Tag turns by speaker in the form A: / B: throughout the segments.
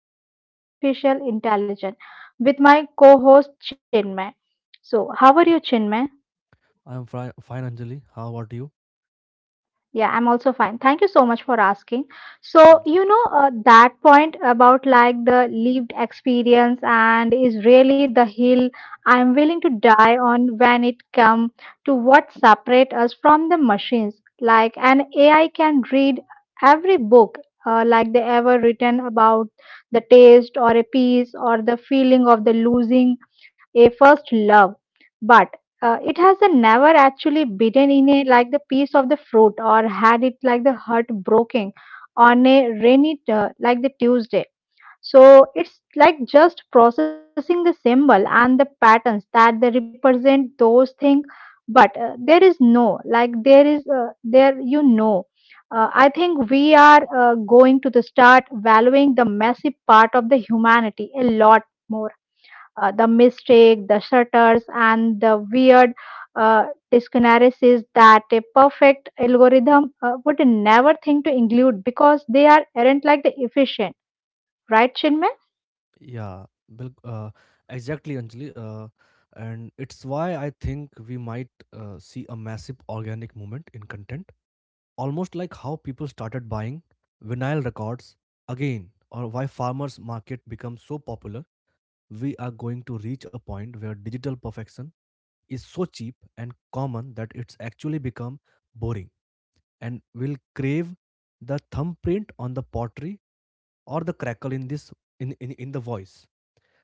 A: that is the artificial intelligence, with my co host Chinmay. So, how are you, Chinmay?
B: I am fine, Anjali. How about you?
A: Yeah, I'm also fine. Thank you so much for asking. So,
B: Mm,
A: that point about like the lived experience and is really the hill I'm willing to die on when it come to what separate us from the machines. Like an AI can read every book like they ever written about the taste or a piece or the feeling of the losing a first love. It has a never actually bitten in a like the piece of the fruit or had it like the heart broken on a rainy like the Tuesday. So it's like just processing the symbol and the patterns that they represent those things. But there is no like there is there. I think we are going to the start valuing the messy part of the humanity a lot more, the mistake, the shutters, and the weird, uh, discrepancies that a perfect algorithm would never think to include because they are aren't like the efficient, right, Chinmay?
B: yeah, bil- uh, exactly, Anjali. And it's why I think we might see a massive organic movement in content, almost like how people started buying vinyl records again, or why farmers' market becomes so popular. We are going to reach a point where digital perfection is so cheap and common that it's actually become boring, and will crave the thumbprint on the pottery or the crackle in in the voice,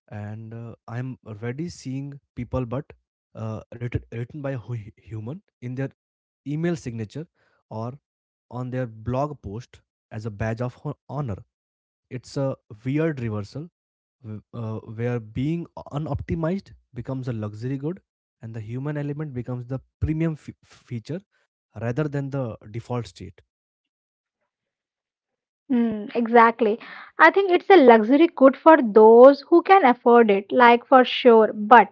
B: and I'm already seeing people but uh, written by a human in their email signature or on their blog post as a badge of honor. It's a weird reversal, where being unoptimized becomes a luxury good and the human element becomes the premium feature rather than the default state.
A: Mm, exactly. I think it's a luxury good for those who can afford it, like for sure. But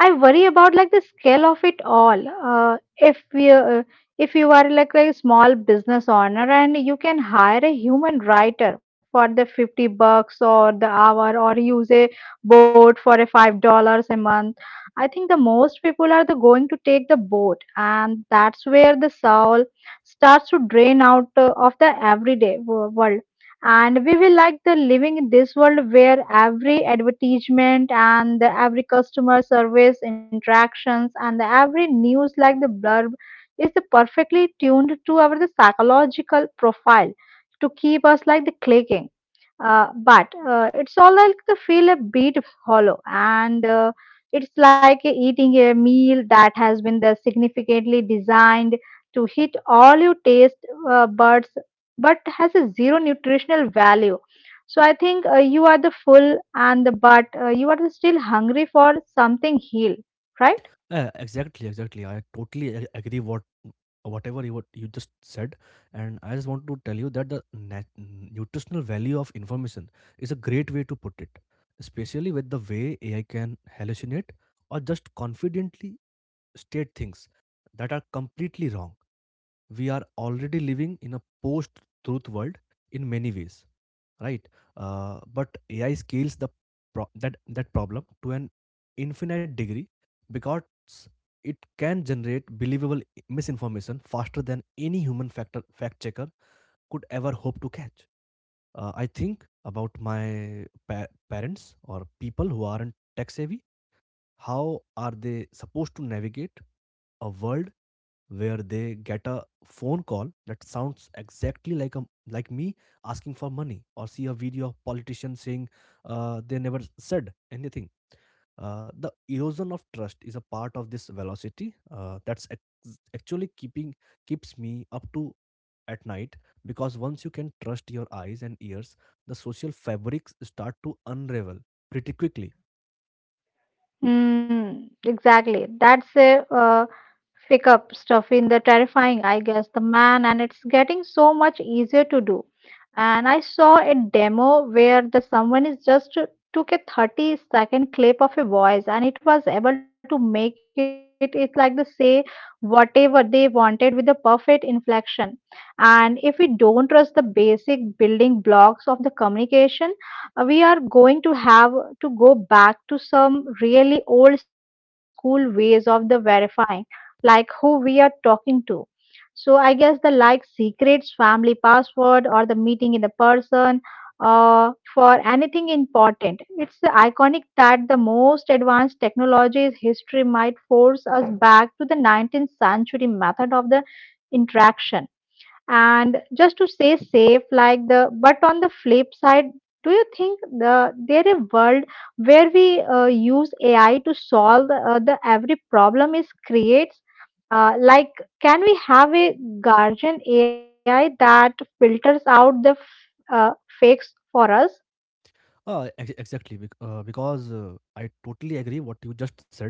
A: I worry about like the scale of it all. If you are like a small business owner and you can hire a human writer for the 50 bucks or the hour or use a boat for a $5 a month, I think the most people are the going to take the boat, and that's where the soul starts to drain out of the everyday world. And we will like the living in this world where every advertisement and the every customer service interactions and the every news like the blurb is the perfectly tuned to our the psychological profile to keep us like the clicking, but it's all like to feel a bit hollow, and it's like eating a meal that has been the significantly designed to hit all your taste buds, but has a zero nutritional value. So I think you are the full and the but you are still hungry for something heal, right?
B: Yeah, exactly. I totally agree what you just said, and I just want to tell you that the nutritional value of information is a great way to put it, especially with the way AI can hallucinate or just confidently state things that are completely wrong. We are already living in a post-truth world in many ways, right? But AI scales the pro- that that problem to an infinite degree because it can generate believable misinformation faster than any human factor fact checker could ever hope to catch. I think about my parents or people who aren't tech savvy. How are they supposed to navigate a world where they get a phone call that sounds exactly like a like me asking for money, or see a video of politicians saying they never said anything? The erosion of trust is a part of this velocity that's ac- actually keeping keeps me up to at night, because once you can trust your eyes and ears, the social fabrics start to unravel pretty quickly.
A: Mm, exactly. That's a pick up stuff in the terrifying, I guess, the man, and it's getting so much easier to do. And I saw a demo where the someone is just took a 30-second clip of a voice and it was able to make it's like they say whatever they wanted with a perfect inflection. And if we don't trust the basic building blocks of the communication, we are going to have to go back to some really old school ways of the verifying like who we are talking to. So I guess the like secrets family password or the meeting in the person, for anything important, it's iconic that the most advanced technologies history might force us back to the 19th century method of the interaction and just to stay safe like the but on the flip side, do you think the there a world where we use ai to solve the every problem is creates, like can we have a guardian ai that filters out the uh, fakes for us?
B: Exactly, because I totally agree what you just said.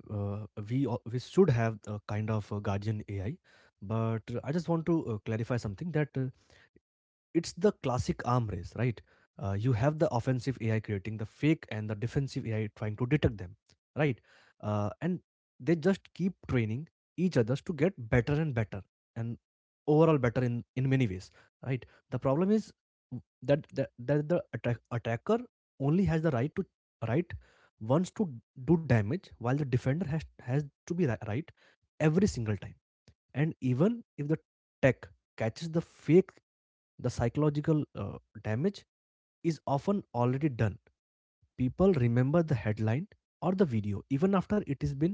B: We should have a kind of guardian AI, but I just want to clarify something, that it's the classic arm race, right? You have the offensive AI creating the fake and the defensive AI trying to detect them, right? And they just keep training each others to get better and better, and overall better in many ways, right? The problem is that the attacker only has the right to right wants to do damage, while the defender has to be right every single time. And even if the tech catches the fake, the psychological damage is often already done. People remember the headline or the video even after it has been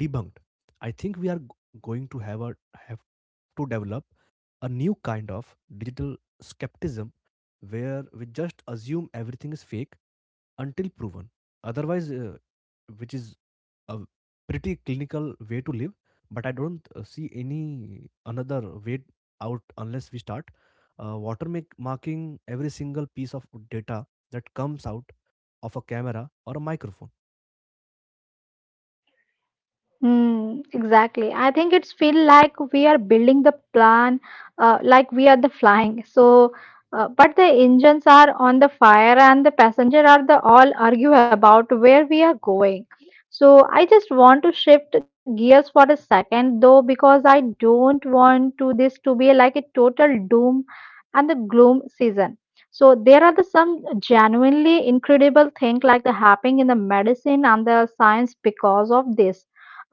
B: debunked. I think we are going to have to develop a new kind of digital skepticism where we just assume everything is fake until proven. Otherwise, which is a pretty clinical way to live, but I don't see any another way out unless we start watermarking every single piece of data that comes out of a camera or a microphone.
A: Mm, exactly. I think it's feel like we are building the plan, like we are the flying. So, but the engines are on the fire and the passenger are the all argue about where we are going. So I just want to shift gears for a second though because I don't want to this to be like a total doom and the gloom season. So there are the some genuinely incredible thing like the happening in the medicine and the science because of this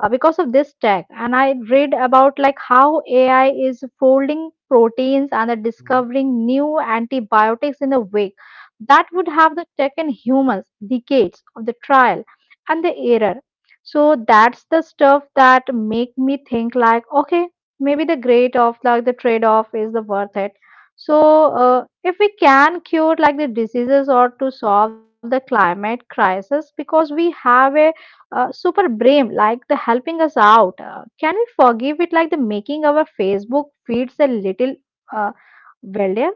A: uh, because of this tech, and I read about like how AI is folding proteins and the discovering new antibiotics in a way that would have the taken humans decades of the trial and the error. So that's the stuff that make me think like okay, maybe the great of like the trade off is the worth it. So if we can cure like the diseases or to solve the climate crisis because we have a super brain like the helping us out, can we forgive it like the making our facebook feeds a little uh, wealthier?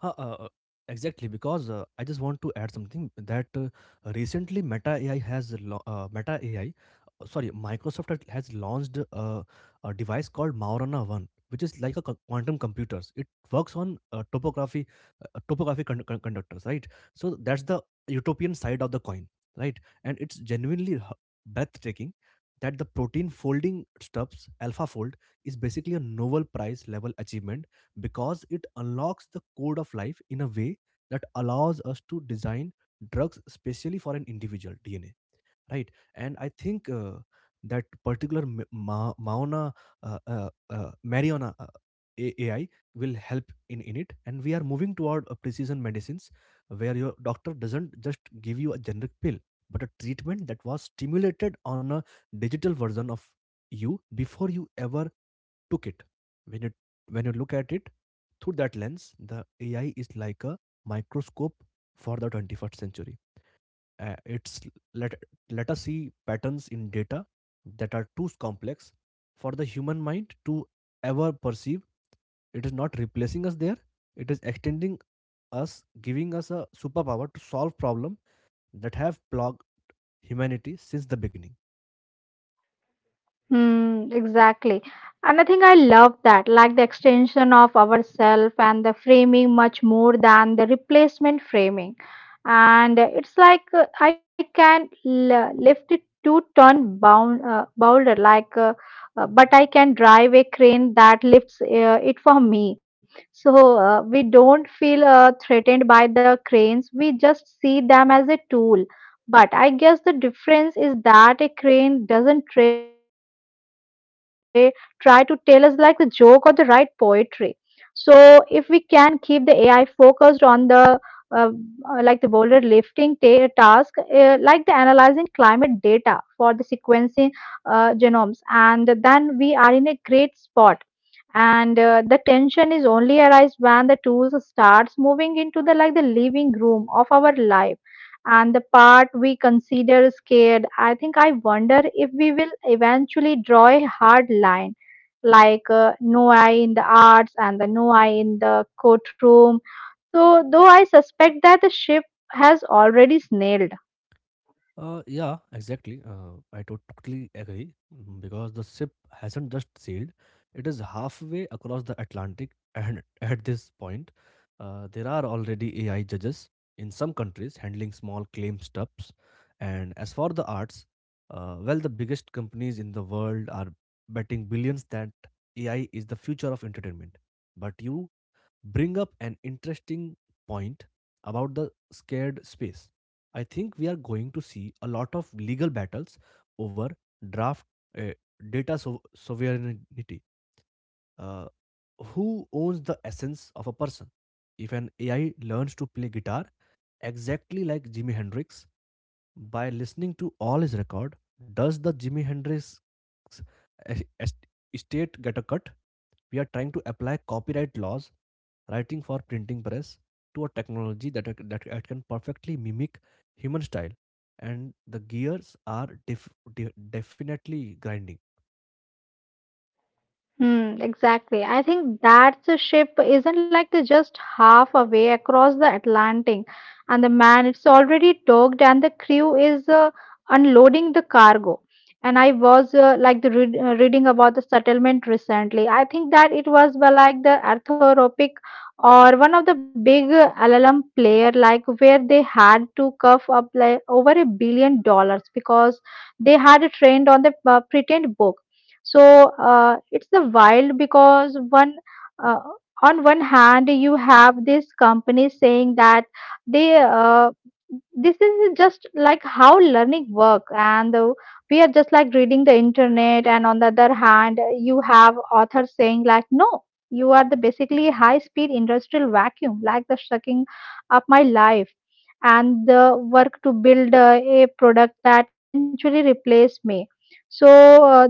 B: Huh, uh, uh, exactly, because I just want to add something, that recently Meta AI, sorry, Microsoft has launched a device called Maurana One, which is like a quantum computers. It works on topography conductors, right? So that's the utopian side of the coin, right? And it's genuinely breathtaking that the protein folding stuffs alpha fold is basically a Nobel prize level achievement because it unlocks the code of life in a way that allows us to design drugs specially for an individual DNA, right? And I think that particular Mariana AI will help in it. And we are moving toward a precision medicines where your doctor doesn't just give you a generic pill, but a treatment that was stimulated on a digital version of you before you ever took it. When you when you look at it through that lens, the AI is like a microscope for the 21st century. It's let let us see patterns in data that are too complex for the human mind to ever perceive. It is not replacing us there. It is extending us, giving us a superpower to solve problems that have plagued humanity since the beginning.
A: Hmm, exactly. And I think I love that, like the extension of ourself and the framing much more than the replacement framing. And it's like I can lift it 2-ton bound, boulder, like, but I can drive a crane that lifts it for me. So we don't feel threatened by the cranes, we just see them as a tool. But I guess the difference is that a crane doesn't trade try to tell us like the joke or the right poetry. So if we can keep the AI focused on the uh, like the boulder lifting task, like the analyzing climate data for the sequencing genomes, and then we are in a great spot. And the tension is only arise when the tools starts moving into the like the living room of our life and the part we consider scared. I think I wonder if we will eventually draw a hard line like no eye in the arts and the no eye in the courtroom, so though I suspect that the ship has already snailed.
B: Yeah, exactly. I totally agree, mm, because the ship hasn't just sailed, it is halfway across the Atlantic. And at this point, there are already AI judges in some countries handling small claim stuffs. And as for the arts, well, the biggest companies in the world are betting billions that AI is the future of entertainment. But you bring up an interesting point about the scared space. I think we are going to see a lot of legal battles over draft uh, data sovereignty. Uh, who owns the essence of a person? If an AI learns to play guitar exactly like Jimi Hendrix, by listening to all his record, does the Jimi Hendrix es- es- estate get a cut? We are trying to apply copyright laws, writing for printing press, to a technology that it can perfectly mimic human style, and the gears are definitely grinding.
A: Hmm, exactly. I think that the ship isn't like the just half away across the Atlantic, and the man it's already docked, and the crew is unloading the cargo. And I was like the reading about the settlement recently. I think that it was well, like the Arthropic or one of the big LLM player, like where they had to cough up like over $1 billion because they had trained on the pretend book. So it's the wild because one uh, on one hand you have this company saying that they this is just like how learning works, and we are just like reading the internet, and on the other hand you have authors saying like no, you are the basically high speed industrial vacuum like the sucking up my life and the work to build a product that eventually replace me. So uh,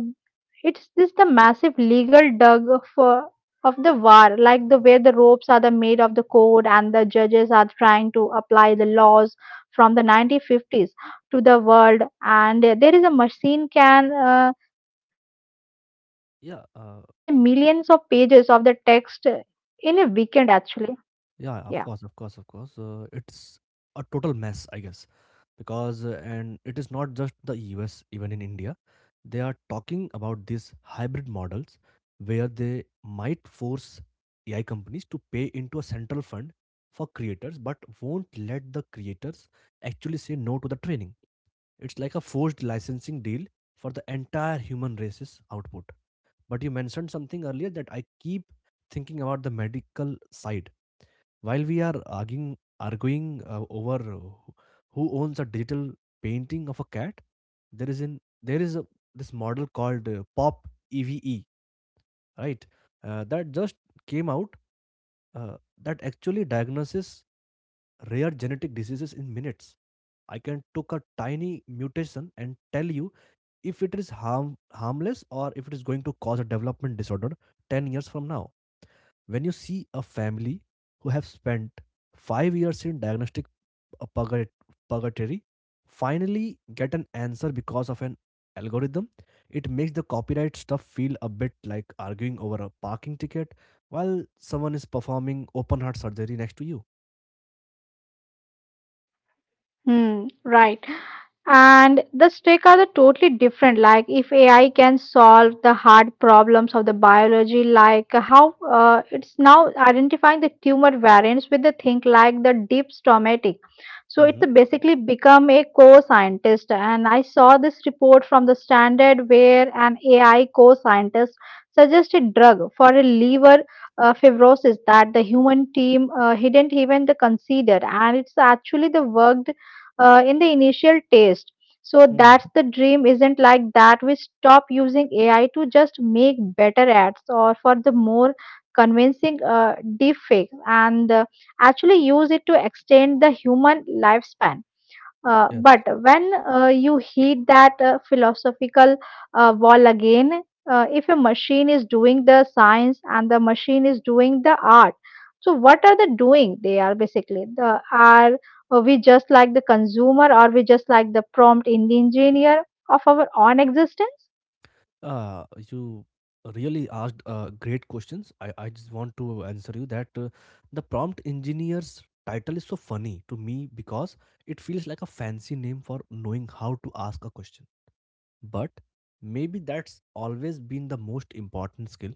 A: it's this the massive legal dug of the war, like the way the ropes are the made of the code and the judges are trying to apply the laws from the 1950s to the world. And there is a machine can synthesize the
B: Yeah,
A: millions of
B: uh,
A: pages of the text in a weekend, actually. Yeah.
B: Yeah, of course. It's a total mess, I guess, because and it is not just the US, even in India, they are talking about these hybrid models where they might force AI companies to pay into a central fund for creators, but won't let the creators actually say no to the training. It's like a forced licensing deal for the entire human race's output. But you mentioned something earlier that I keep thinking about the medical side while we are arguing over who owns a digital painting of a cat. There is in there is a, This model called Pop EVE, right? That just came out, that actually diagnoses rare genetic diseases in minutes. I can took a tiny mutation and tell you if it is harmless or if it is going to cause a development disorder 10 years from now. When you see a family who have spent 5 years in diagnostic uh, purga- purgatory finally get an answer because of an algorithm, it makes the copyright stuff feel a bit like arguing over a parking ticket while someone is performing open heart surgery next to you.
A: Hmm, right. And the stake are the totally different like if ai can solve the hard problems of the biology like how it's now identifying the tumor variants with the thing like the deep stomatic. So it's basically become a co-scientist, and I saw this report from the standard where an ai co-scientist suggested drug for a liver fibrosis that the human team didn't even the consider, and it's actually the worked in the initial taste. So
B: Mm-hmm.
A: that's the dream isn't like that. We stop using AI to just make better ads or for the more convincing deep fake, and actually use it to extend the human lifespan. But when you hit that philosophical wall again, if a machine is doing the science and the machine is doing the art, so what are they doing? They are basically the are we just like the consumer or we just like the prompt in the engineer of our own existence?
B: Uh, you really asked great questions. I just want to answer you that the prompt engineer's title is so funny to me because it feels like a fancy name for knowing how to ask a question. But maybe that's always been the most important skill.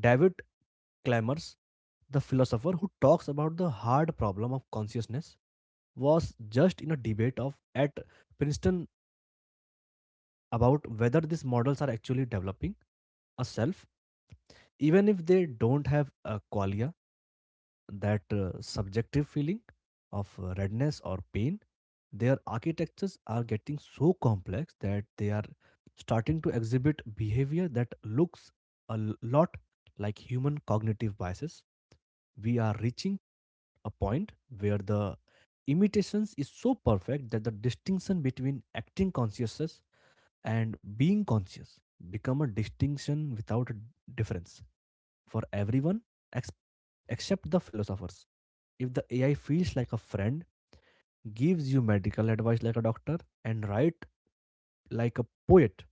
B: David Chalmers, the philosopher who talks about the hard problem of consciousness, was just in a debate of at Princeton about whether these models are actually developing a self, even if they don't have a qualia, that subjective feeling of redness or pain. Their architectures are getting so complex that they are starting to exhibit behavior that looks a lot like human cognitive biases. We are reaching a point where the imitations is so perfect that the distinction between acting consciousness and being conscious become a distinction without a difference for everyone ex- except the philosophers. If the AI feels like a friend, gives you medical advice like a doctor, and write like a poet,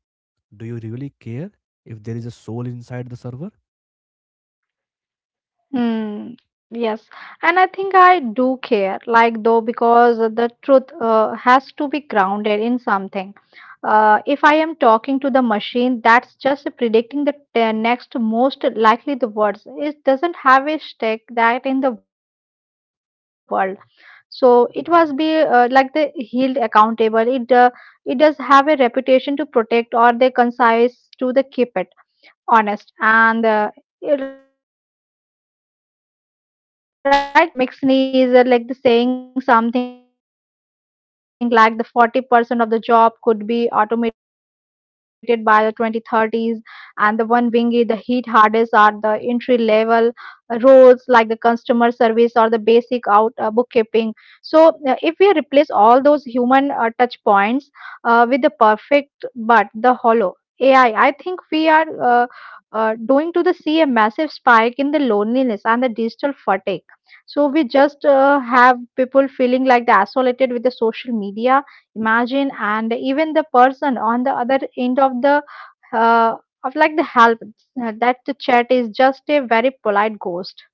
B: do you really care if there is a soul inside the server?
A: Hmm, yes, and I think I do care, like though, because the truth has to be grounded in something. If I am talking to the machine, that's just predicting the next most likely the words. It doesn't have a stake that in the world. So it was be like the held accountable. It it does have a reputation to protect or the concise to the keep it honest and like we are the seeing this in the job market right now. Mixney is, like the saying something like the 40% of the job could be automated by the 2030s, and the one wingy the heat hardest are the entry level roles like the customer service or the basic out bookkeeping. So if we replace all those human touch points with the perfect but the hollow AI, I think we are going to the see a massive spike in the loneliness and the digital fatigue. So we just have people feeling like they're isolated with the social media. Imagine, and even the person on the other end of the uh, of like the help that the chat is just a very polite ghost.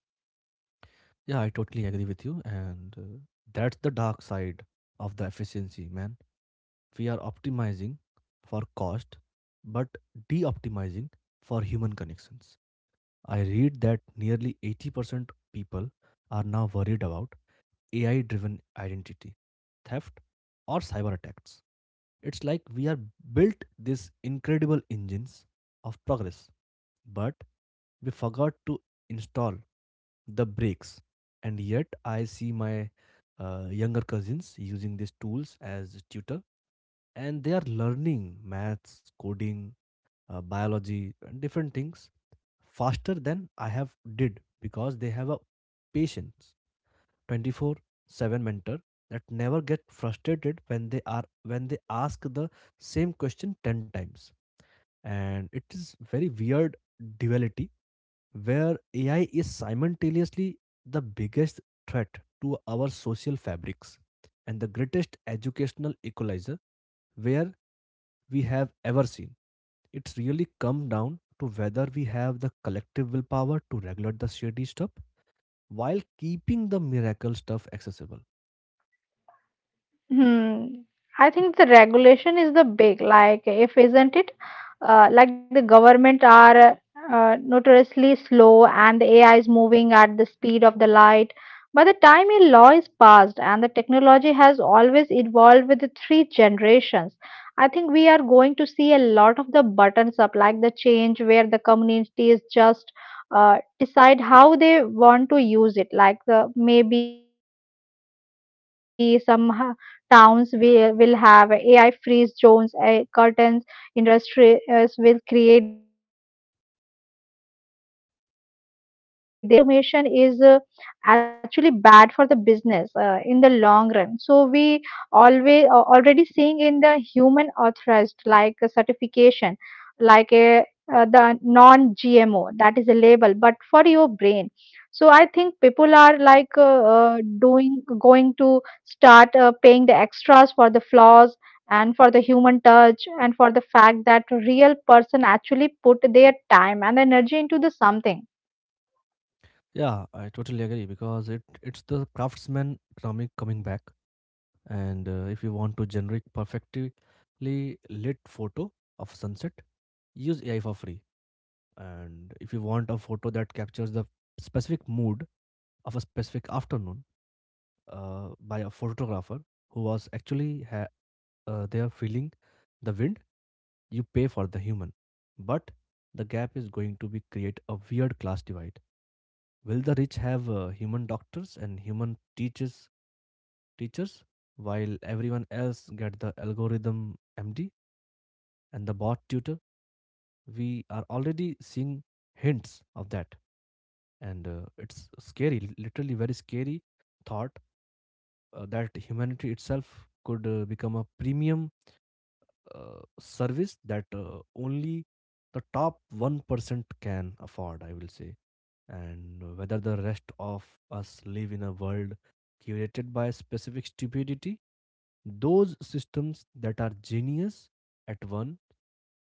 B: Yeah, I totally agree with you, and that's the dark side of the efficiency, man. We are optimizing for cost, but de-optimizing for human connections. I read that nearly 80% people are now worried about AI driven identity theft or cyber attacks. It's like we are built these incredible engines of progress, but we forgot to install the brakes. And yet, I see my younger cousins using these tools as tutor, and they are learning maths, coding, biology, and different things faster than I have did, because they have a patience 24/7 mentor that never get frustrated when they are when they ask the same question 10 times. And it is very weird duality where AI is simultaneously the biggest threat to our social fabrics and the greatest educational equalizer where we have ever seen. It's really come down to whether we have the collective willpower to regulate the shady stuff while keeping the miracle stuff accessible.
A: Hmm. I think the regulation is the big, like, if isn't it? Like the government are, notoriously slow, and the AI is moving at the speed of the light. By the time a law is passed and the technology has always evolved with the three generations, I think we are going to see a lot of the buttons up, like the change where the communities just decide how they want to use it, like the maybe some towns will have AI free zones, curtains, industries will create their own ethical characters because they realize that the total automation is actually bad for the business in the long run. So we always already seeing in the human authorized like a certification, like a, the non-GMO that is a label, but for your brain. So I think people are like doing going to start paying the extras for the flaws and for the human touch and for the fact that real person actually put their time and energy into the something.
B: Yeah, I totally agree, because it it's the craftsman economic coming back. And if you want to generate perfectly lit photo of sunset, use AI for free. And if you want a photo that captures the specific mood of a specific afternoon by a photographer who was they are feeling the wind, you pay for the human. But the gap is going to be create a weird class divide. Will the rich have human doctors and human teachers while everyone else get the algorithm MD and the bot tutor? We are already seeing hints of that, and it's scary, literally very scary thought, that humanity itself could become a premium service that only the top 1% can afford, I will say. And whether the rest of us live in a world curated by specific stupidity, those systems that are genius at one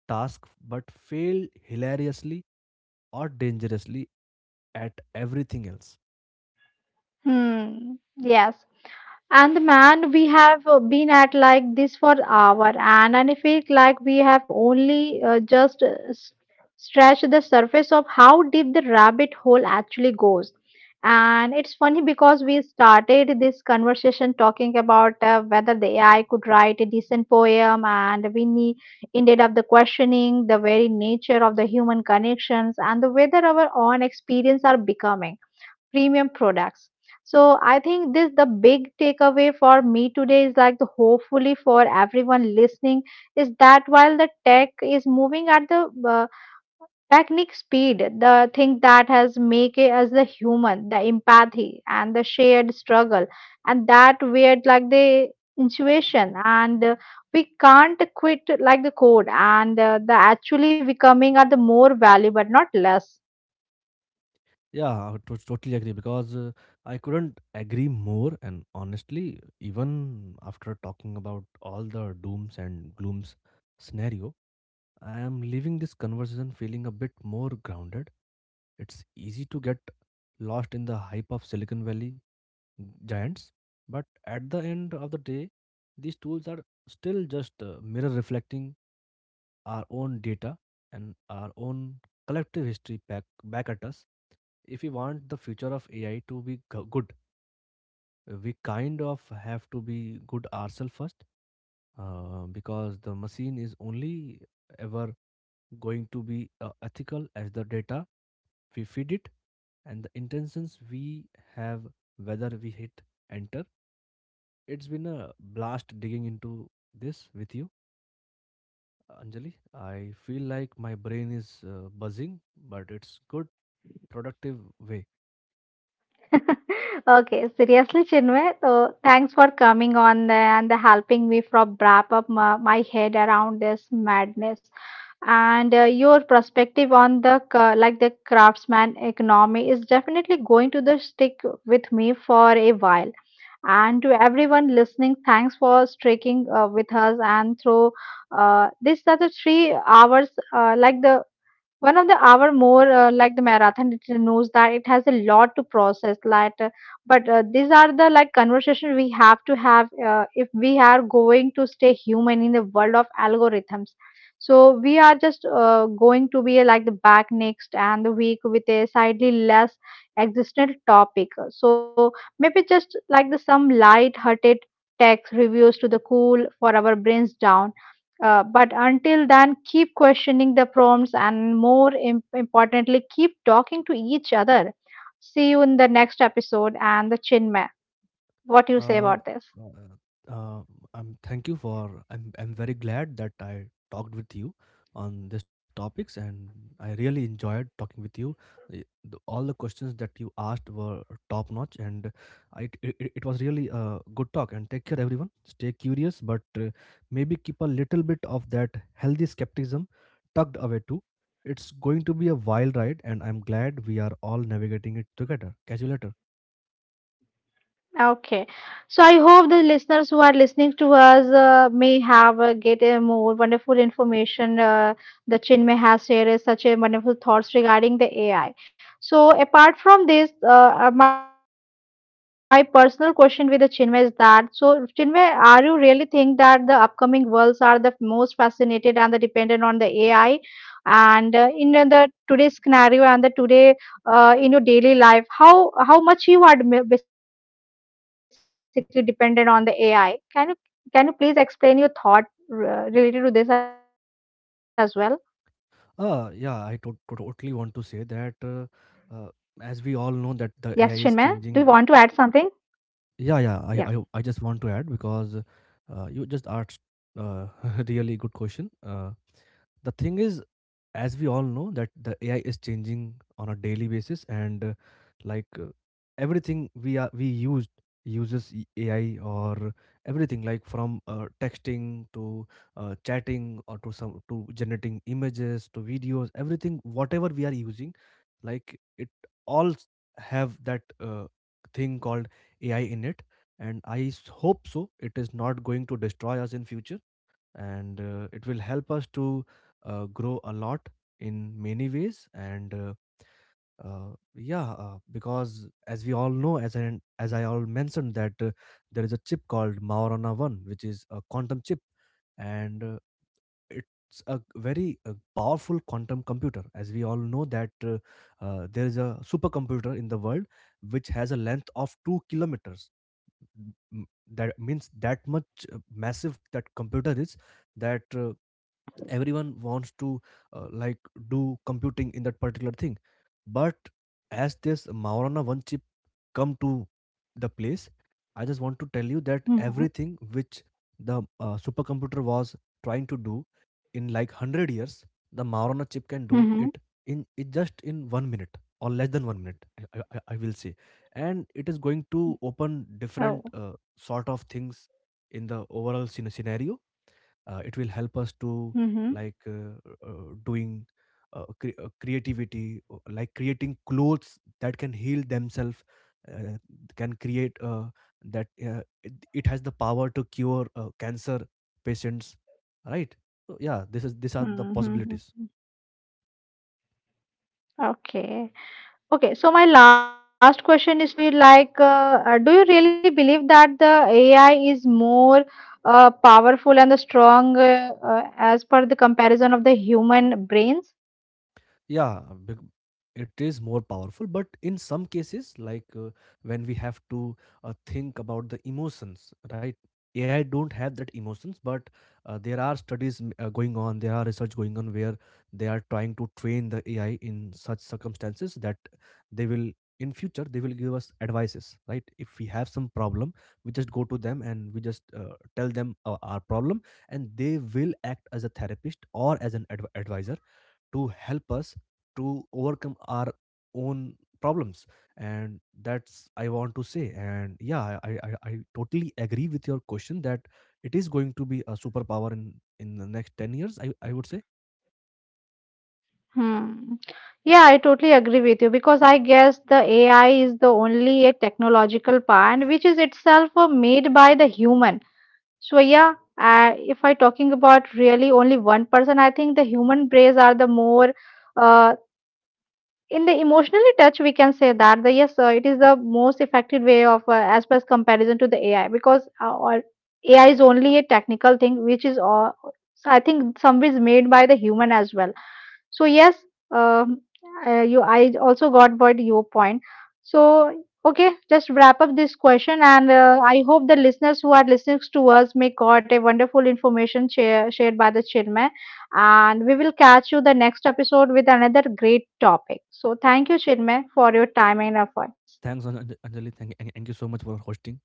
B: task but fail hilariously or dangerously at everything else.
A: Hmm. Yes. And the man, we have been at like this for hour, and I feel like we have only just scratched the surface of how deep the rabbit hole actually goes. And it's funny because we started this conversation talking about whether the AI could write a decent poem, and ended up the questioning the very nature of the human connections and the whether our own experience are becoming premium products. So I think this the big takeaway for me today is like the hopefully for everyone listening is that while the tech is moving at the technique speed, the thing that has make it as the human, the empathy and the shared struggle and that weird like the intuition and we can't quit like the code and the actually becoming are the more valuable not less.
B: Yeah, I totally agree because I couldn't agree more. And honestly, even after talking about all the dooms and glooms scenario, I am leaving this conversation feeling a bit more grounded. It's easy to get lost in the hype of Silicon Valley giants, but at the end of the day, these tools are still just a mirror reflecting our own data and our own collective history back at us. If we want the future of AI to be good, we kind of have to be good ourselves first because the machine is only ever going to be ethical as the data we feed it and the intentions we have whether we hit enter. It's been a blast digging into this with you. Anjali, I feel like my brain is buzzing, but it's good, productive way.
A: Okay, seriously, Chinmay, so thanks for coming on the, and the helping me from wrap up my head around this madness. And your perspective on like the craftsman economy is definitely going to the stick with me for a while. And to everyone listening, thanks for sticking with us and through this are the 3 hours, like the one of the hour more, like the marathon, it knows that it has a lot to process. Like, but these are the like conversation we have to have if we are going to stay human in the world of algorithms. So we are just going to be like the back next and the week with a slightly less existential topic. So maybe just like the some light-hearted text reviews to the cool for our brains down, but until then, keep questioning the prompts and more importantly, keep talking to each other. See you in the next episode and the Chinmay. What do you say
B: Uh,
A: about this?
B: no, uh, uh, thank you for. I'm very glad that I talked with you on these topics, and I really enjoyed talking with you. Y- all the questions that you asked were top notch, and I, it was really a good talk. And take care, everyone. Stay curious, but uh, maybe keep a little bit of that healthy skepticism tucked away too. It's going to be a wild ride, and I'm glad we are all navigating it together. Catch you later.
A: Okay, so I hope the listeners who are listening to us may have get a more wonderful information. The Chinmay has shared is such a wonderful thoughts regarding the AI. So apart from this, my personal question with the Chinmay is that, so Chinmay, are you really think that the upcoming worlds are the most fascinated and the dependent on the AI? And in the today's scenario and the today, in your daily life, how much you are basically dependent on the ai? Can you can you please explain your thought related to this as well?
B: Yeah, I totally want to say that
A: Yes, Chinmay,
B: uh,
A: do you want
B: as
A: to
B: we all
A: add
B: know that
A: something?
B: the AI is changing.
A: Yeah.
B: I just want to add because you just asked uh, really good question. The thing is, as we all know that the AI is changing on a daily basis, and like uh, everything we are we used uses AI, or everything like from texting to chatting, or to some to generating images to videos, everything whatever we are using, like it all s- have that thing called AI in it. And hope so. It is not going to destroy us in future, and it will help us to grow a lot in many ways. And yeah, because as we all know, as I all mentioned that there is a chip called Maorana One, which is a quantum chip, and it's a very powerful quantum computer. As we all know that there is a supercomputer in the world which has a length of 2 kilometers, m- that means that much massive that computer is, that everyone wants to like do computing in that particular thing. But as this maurana one chip come to the place, I just want to tell you that
A: Mm-hmm.
B: everything which the supercomputer was trying to do in like 100 years, the maurana chip can do
A: Mm-hmm.
B: it in it just in 1 minute or less than 1 minute, I will say. And it is going to open different
A: Oh.
B: sort of things in the overall scenario. It will help us to
A: Mm-hmm.
B: like uh, doing creativity, like creating clothes that can heal themselves. uh, can create that it has the power to cure cancer patients, right? So yeah, this is, these are the
A: Mm-hmm.
B: possibilities.
A: Okay, okay, so my last question is to you, like do you really believe that the ai is more powerful and the strong as per the comparison of the human brains?
B: Yeah, it is more powerful, but in some cases, like when we have to think about the emotions, right? AI don't have that emotions, but there are studies going on, there are research going on where they are trying to train the AI in such circumstances that they will, in future they will give us advices, right? If we have some problem, we just go to them and we just tell them our problem, and they will act as a therapist or as an advisor to help us to overcome our own problems. And that's I want to say. And yeah, I totally agree with your question that it is going to be a superpower in the next 10 years I would say.
A: Hmm. Yeah, I totally agree with you because I guess the AI is the only a technological part which is itself made by the human. So yeah, if I talking about really only one person, I think the human brains are the more uh, in the emotionally touch we can say that the yes, it is the most effective way of, as per as comparison to the ai, because ai is only a technical thing which is all. So I think some is made by the human as well, so yes. um, you I also got what your point. So, okay, just wrap up this question, and I hope the listeners who are listening to us may got a wonderful information shared by the chairman, and we will catch you the next episode with another great topic. So, thank you, Chinmay, for your time and efforts.
B: thanks Anj- Anjali, thank you so much for hosting.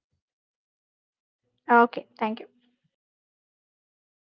A: Okay, thank you.